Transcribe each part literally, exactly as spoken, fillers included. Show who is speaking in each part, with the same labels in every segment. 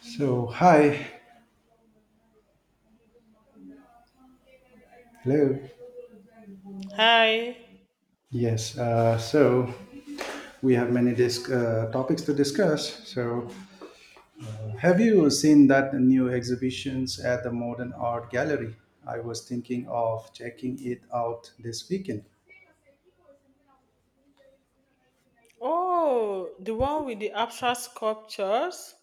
Speaker 1: So, hi, hello.
Speaker 2: Hi.
Speaker 1: Yes, uh, so we have many disc, uh, topics to discuss. So, have you seen that new exhibitions at the Modern Art Gallery? I was thinking of checking it out this weekend.
Speaker 2: Oh, the one with the abstract sculptures?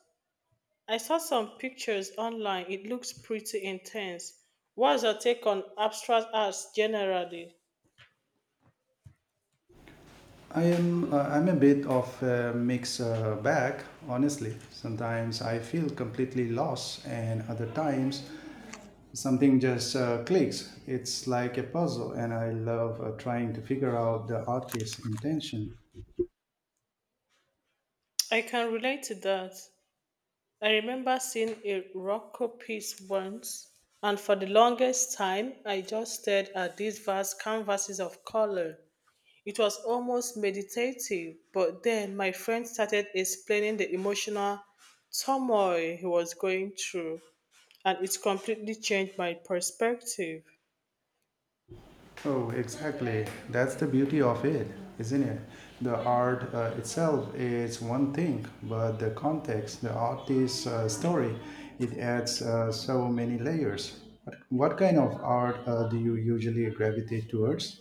Speaker 2: I saw some pictures online. It looks pretty intense. What's your take on abstract arts generally?
Speaker 1: I am uh, I'm a bit of a mixed uh, bag, honestly. Sometimes I feel completely lost, and other times something just uh, clicks. It's like a puzzle, and I love uh, trying to figure out the artist's intention.
Speaker 2: I can relate to that. I remember seeing a Rocco piece once, and for the longest time, I just stared at these vast canvases of color. It was almost meditative, but then my friend started explaining the emotional turmoil he was going through, and it's completely changed my perspective.
Speaker 1: Oh, exactly. That's the beauty of it, isn't it? The art uh, itself is one thing, but the context, the artist's uh, story, it adds uh, so many layers. What, what kind of art uh, do you usually gravitate towards?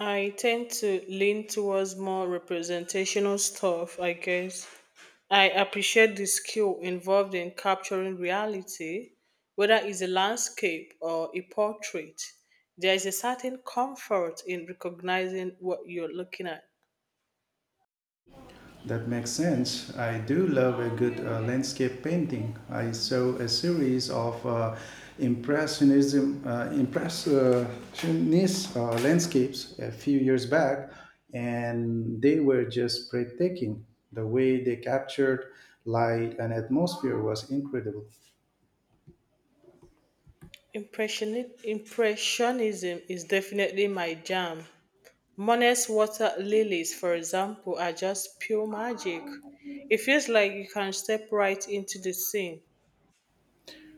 Speaker 2: I tend to lean towards more representational stuff, I guess. I appreciate the skill involved in capturing reality, whether it's a landscape or a portrait. There is a certain comfort in recognizing what you're looking at.
Speaker 1: That makes sense. I do love a good uh, landscape painting. I saw a series of uh, impressionism, uh, impressionist uh, landscapes a few years back, and they were just breathtaking. The way they captured light and atmosphere was incredible.
Speaker 2: Impressioni- Impressionism is definitely my jam. Monet's water lilies, for example, are just pure magic. It feels like you can step right into the scene.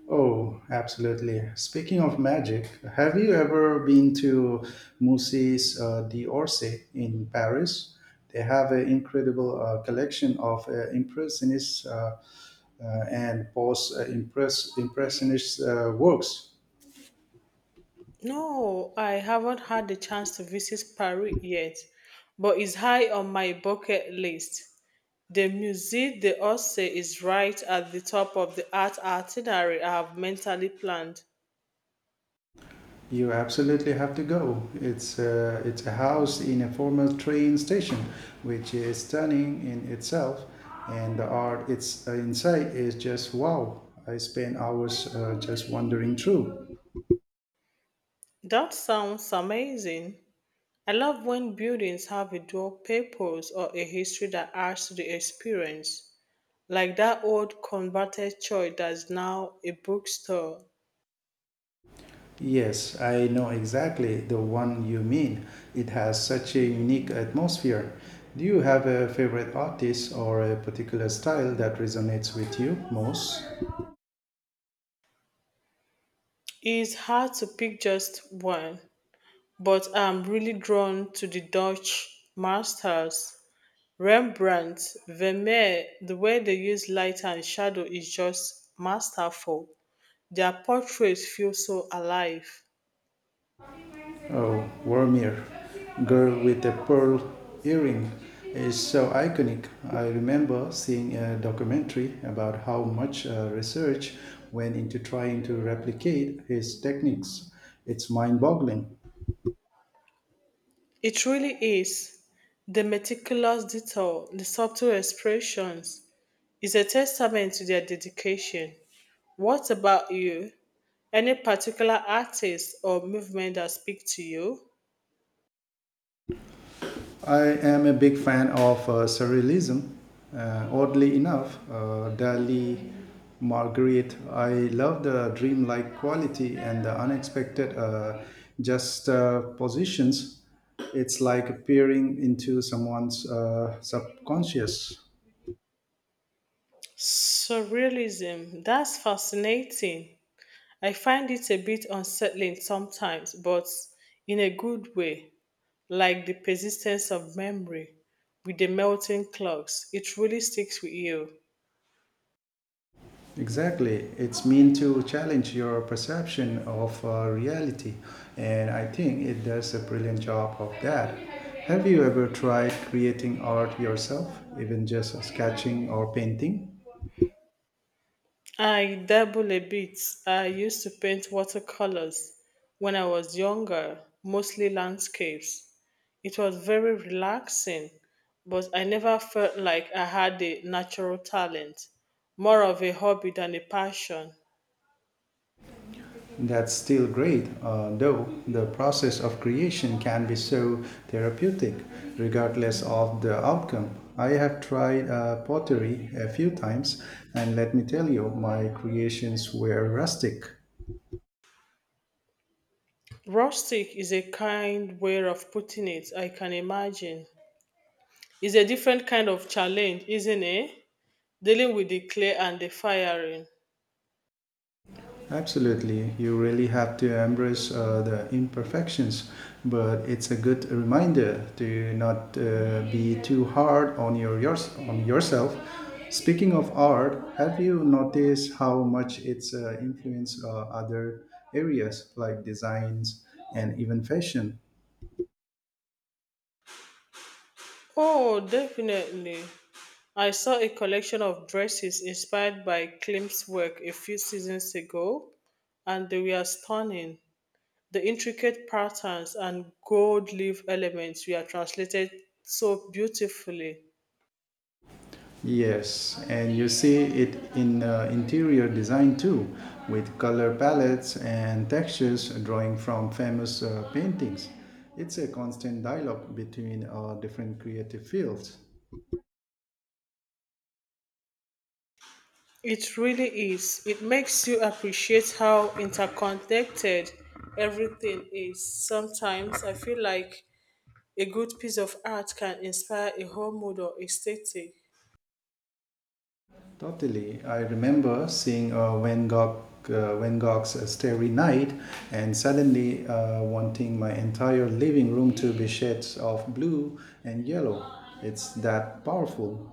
Speaker 1: Oh, absolutely. Speaking of magic, have you ever been to Musées uh, d'Orsay in Paris? They have an incredible uh, collection of uh, impressionists uh, uh, and post-impressionist uh, works.
Speaker 2: No, I haven't had the chance to visit Paris yet, but it's high on my bucket list. The Musée d'Orsay is right at the top of the art itinerary I have mentally planned.
Speaker 1: You absolutely have to go. It's a, it's a house in a former train station, which is stunning in itself, and the art it's uh, inside is just wow. I spend hours uh, just wandering through.
Speaker 2: That sounds amazing. I love when buildings have a dual purpose or a history that adds to the experience, like that old converted church that's now a bookstore.
Speaker 1: Yes, I know exactly the one you mean. It has such a unique atmosphere. Do you have a favorite artist or a particular style that resonates with you most?
Speaker 2: It's hard to pick just one, but I'm really drawn to the Dutch masters. Rembrandt, Vermeer, the way they use light and shadow is just masterful. Their portraits feel so alive.
Speaker 1: Oh, Warmir, girl with the pearl earring, is so iconic. I remember seeing a documentary about how much uh, research went into trying to replicate his techniques. It's mind boggling.
Speaker 2: It really is. The meticulous detail, the subtle expressions, is a testament to their dedication. What about you? Any particular artist or movement that speak to you?
Speaker 1: I am a big fan of uh, surrealism. Uh, oddly enough, uh, Dali, Marguerite, I love the dreamlike quality and the unexpected uh, just uh, positions. It's like peering into someone's uh, subconscious.
Speaker 2: Surrealism. That's fascinating. I find it a bit unsettling sometimes, but in a good way, like the persistence of memory with the melting clocks. It really sticks with you.
Speaker 1: Exactly. It's meant to challenge your perception of uh, reality, and I think it does a brilliant job of that. Have you ever tried creating art yourself, even just sketching or painting?
Speaker 2: I dabble a bit. I used to paint watercolors when I was younger, mostly landscapes. It was very relaxing, but I never felt like I had a natural talent, more of a hobby than a passion.
Speaker 1: That's still great, uh, though the process of creation can be so therapeutic, regardless of the outcome. I have tried uh, pottery a few times, and let me tell you, my creations were rustic.
Speaker 2: Rustic is a kind way of putting it, I can imagine. It's a different kind of challenge, isn't it? Dealing with the clay and the firing.
Speaker 1: Absolutely. You really have to embrace uh, the imperfections, but it's a good reminder to not uh, be too hard on your, yours on yourself. Speaking of art, have you noticed how much it's uh, influenced uh, other areas like designs and even fashion?
Speaker 2: Oh, definitely. I saw a collection of dresses inspired by Klimt's work a few seasons ago, and they were stunning. The intricate patterns and gold leaf elements were translated so beautifully.
Speaker 1: Yes, and you see it in uh, interior design too, with color palettes and textures drawing from famous uh, paintings. It's a constant dialogue between our different creative fields.
Speaker 2: It really is. It makes you appreciate how interconnected everything is. Sometimes I feel like a good piece of art can inspire a whole mood or aesthetic.
Speaker 1: Totally, I remember seeing uh, Van Gogh, uh, Van Gogh's uh, Starry Night, and suddenly uh, wanting my entire living room to be shades of blue and yellow. It's that powerful.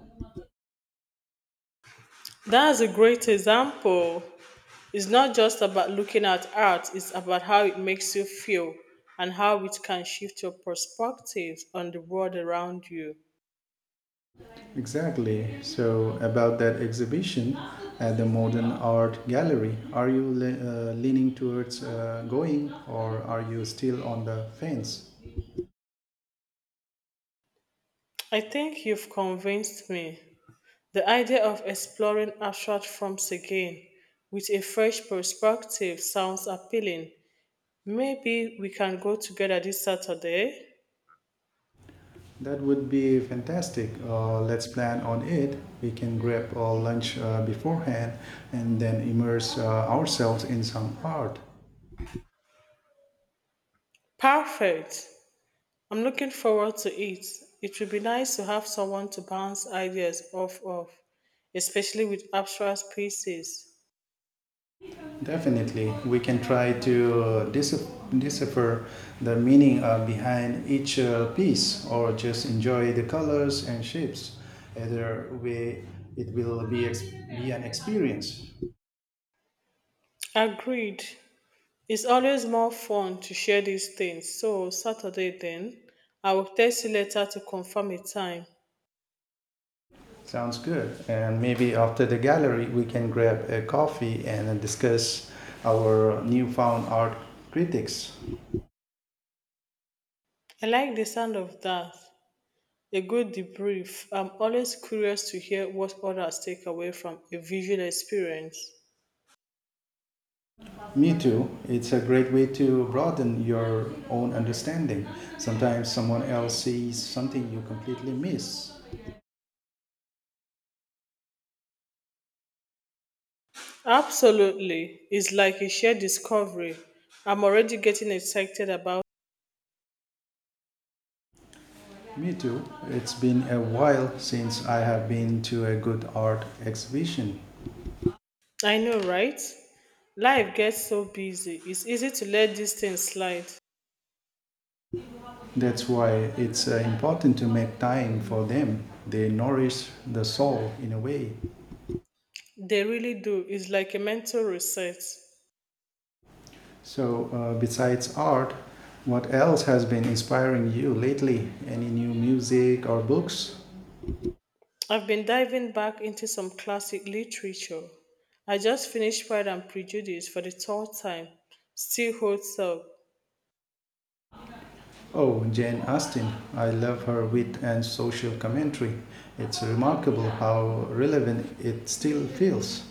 Speaker 2: That's a great example. It's not just about looking at art, it's about how it makes you feel and how it can shift your perspective on the world around you.
Speaker 1: Exactly. So, about that exhibition at the Modern Art Gallery, are you le- uh, leaning towards uh, going or are you still on the fence?
Speaker 2: I think you've convinced me. The idea of exploring abstract forms again with a fresh perspective sounds appealing. Maybe we can go together this Saturday?
Speaker 1: That would be fantastic. Uh, let's plan on it. We can grab a lunch uh, beforehand and then immerse uh, ourselves in some art.
Speaker 2: Perfect! I'm looking forward to it. It would be nice to have someone to bounce ideas off of, especially with abstract pieces.
Speaker 1: Definitely, we can try to uh, dis- decipher the meaning uh, behind each uh, piece or just enjoy the colors and shapes. Either way, it will be, ex- be an experience.
Speaker 2: Agreed. It's always more fun to share these things. So, Saturday then, I will text you later to confirm a time.
Speaker 1: Sounds good. And maybe after the gallery, we can grab a coffee and discuss our newfound art critics.
Speaker 2: I like the sound of that. A good debrief. I'm always curious to hear what others take away from a visual experience.
Speaker 1: Me too. It's a great way to broaden your own understanding. Sometimes someone else sees something you completely miss.
Speaker 2: Absolutely. It's like a shared discovery. I'm already getting excited about.
Speaker 1: Me too. It's been a while since I have been to a good art exhibition.
Speaker 2: I know, right? Life gets so busy. It's easy to let these things slide.
Speaker 1: That's why it's uh, important to make time for them. They nourish the soul in a way.
Speaker 2: They really do. It's like a mental reset.
Speaker 1: So, uh, besides art, what else has been inspiring you lately? Any new music or books?
Speaker 2: I've been diving back into some classic literature. I just finished Pride and Prejudice for the third time. Still holds up.
Speaker 1: Oh, Jane Austen. I love her wit and social commentary. It's remarkable how relevant it still feels.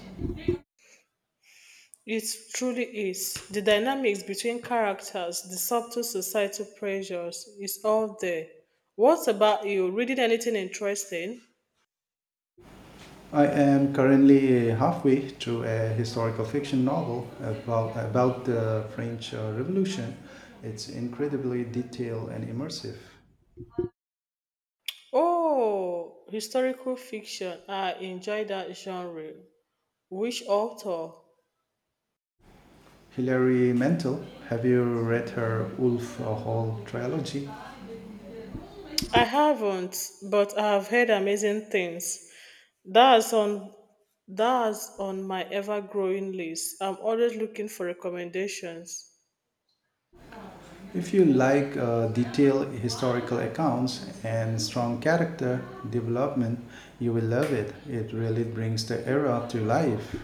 Speaker 2: It truly is. The dynamics between characters, the subtle societal pressures, is all there. What about you? Reading anything interesting?
Speaker 1: I am currently halfway through a historical fiction novel about, about the French uh, Revolution. It's incredibly detailed and immersive.
Speaker 2: Oh, historical fiction. I enjoy that genre. Which author?
Speaker 1: Hilary Mantel, have you read her Wolf Hall trilogy?
Speaker 2: I haven't, but I have heard amazing things. That's on that's on my ever-growing list. I'm always looking for recommendations.
Speaker 1: If you like uh, detailed historical accounts and strong character development, you will love it. It really brings the era to life.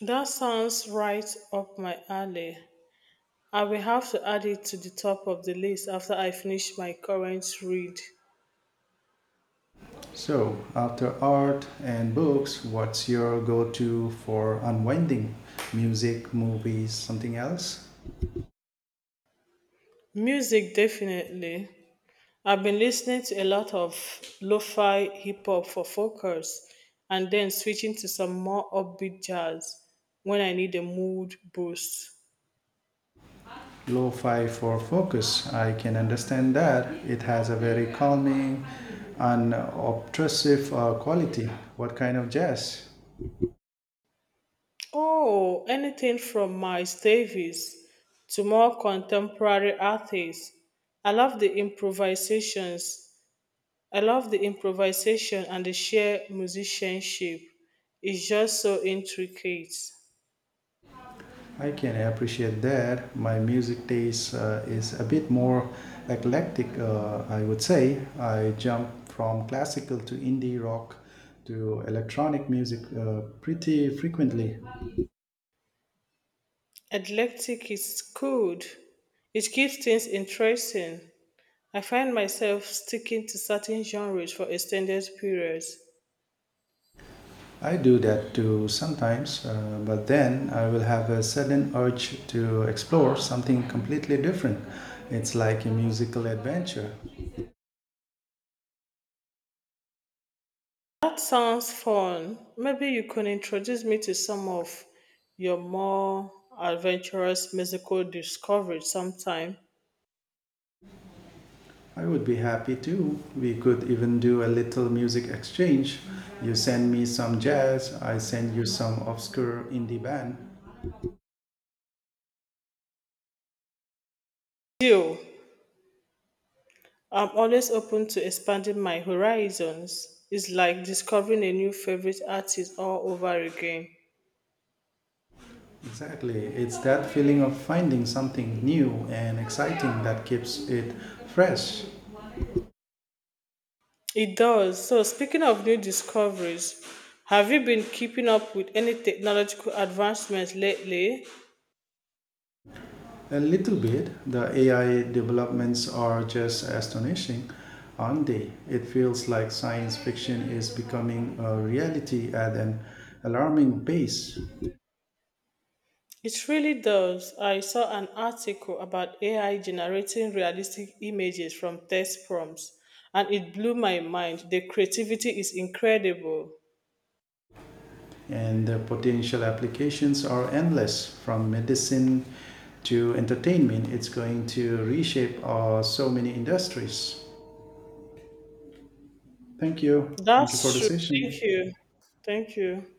Speaker 2: That sounds right up my alley. I will have to add it to the top of the list after I finish my current read.
Speaker 1: So, after art and books, what's your go to for unwinding? Music, movies, something else?
Speaker 2: Music, definitely. I've been listening to a lot of lo fi hip hop for focus and then switching to some more upbeat jazz when I need a mood boost.
Speaker 1: Lo fi for focus. I can understand that. It has a very calming, unobtrusive uh, quality. What kind of jazz?
Speaker 2: Oh, anything from Miles Davis to more contemporary artists. I love the improvisations I love the improvisation and the sheer musicianship. It's just so intricate.
Speaker 1: I can appreciate that. My music taste uh, is a bit more eclectic, uh, I would say. I jump from classical to indie rock to electronic music uh, pretty frequently.
Speaker 2: Eclectic is good. It keeps things interesting. I find myself sticking to certain genres for extended periods.
Speaker 1: I do that too sometimes, uh, but then I will have a sudden urge to explore something completely different. It's like a musical adventure.
Speaker 2: That sounds fun. Maybe you could introduce me to some of your more adventurous musical discoveries sometime.
Speaker 1: I would be happy too. We could even do a little music exchange. You send me some jazz, I send you some obscure indie band.
Speaker 2: Deal. I'm always open to expanding my horizons. It's like discovering a new favorite artist all over again.
Speaker 1: Exactly. It's that feeling of finding something new and exciting that keeps it fresh.
Speaker 2: It does. So, speaking of new discoveries, have you been keeping up with any technological advancements lately?
Speaker 1: A little bit, the A I developments are just astonishing, aren't they? It feels like science fiction is becoming a reality at an alarming pace.
Speaker 2: It really does. I saw an article about A I generating realistic images from text prompts, and it blew my mind. The creativity is incredible.
Speaker 1: And the potential applications are endless from medicine to entertainment. It's going to reshape uh, so many industries. Thank you. Thank you for
Speaker 2: That's
Speaker 1: the
Speaker 2: true.
Speaker 1: session.
Speaker 2: Thank you. Thank you.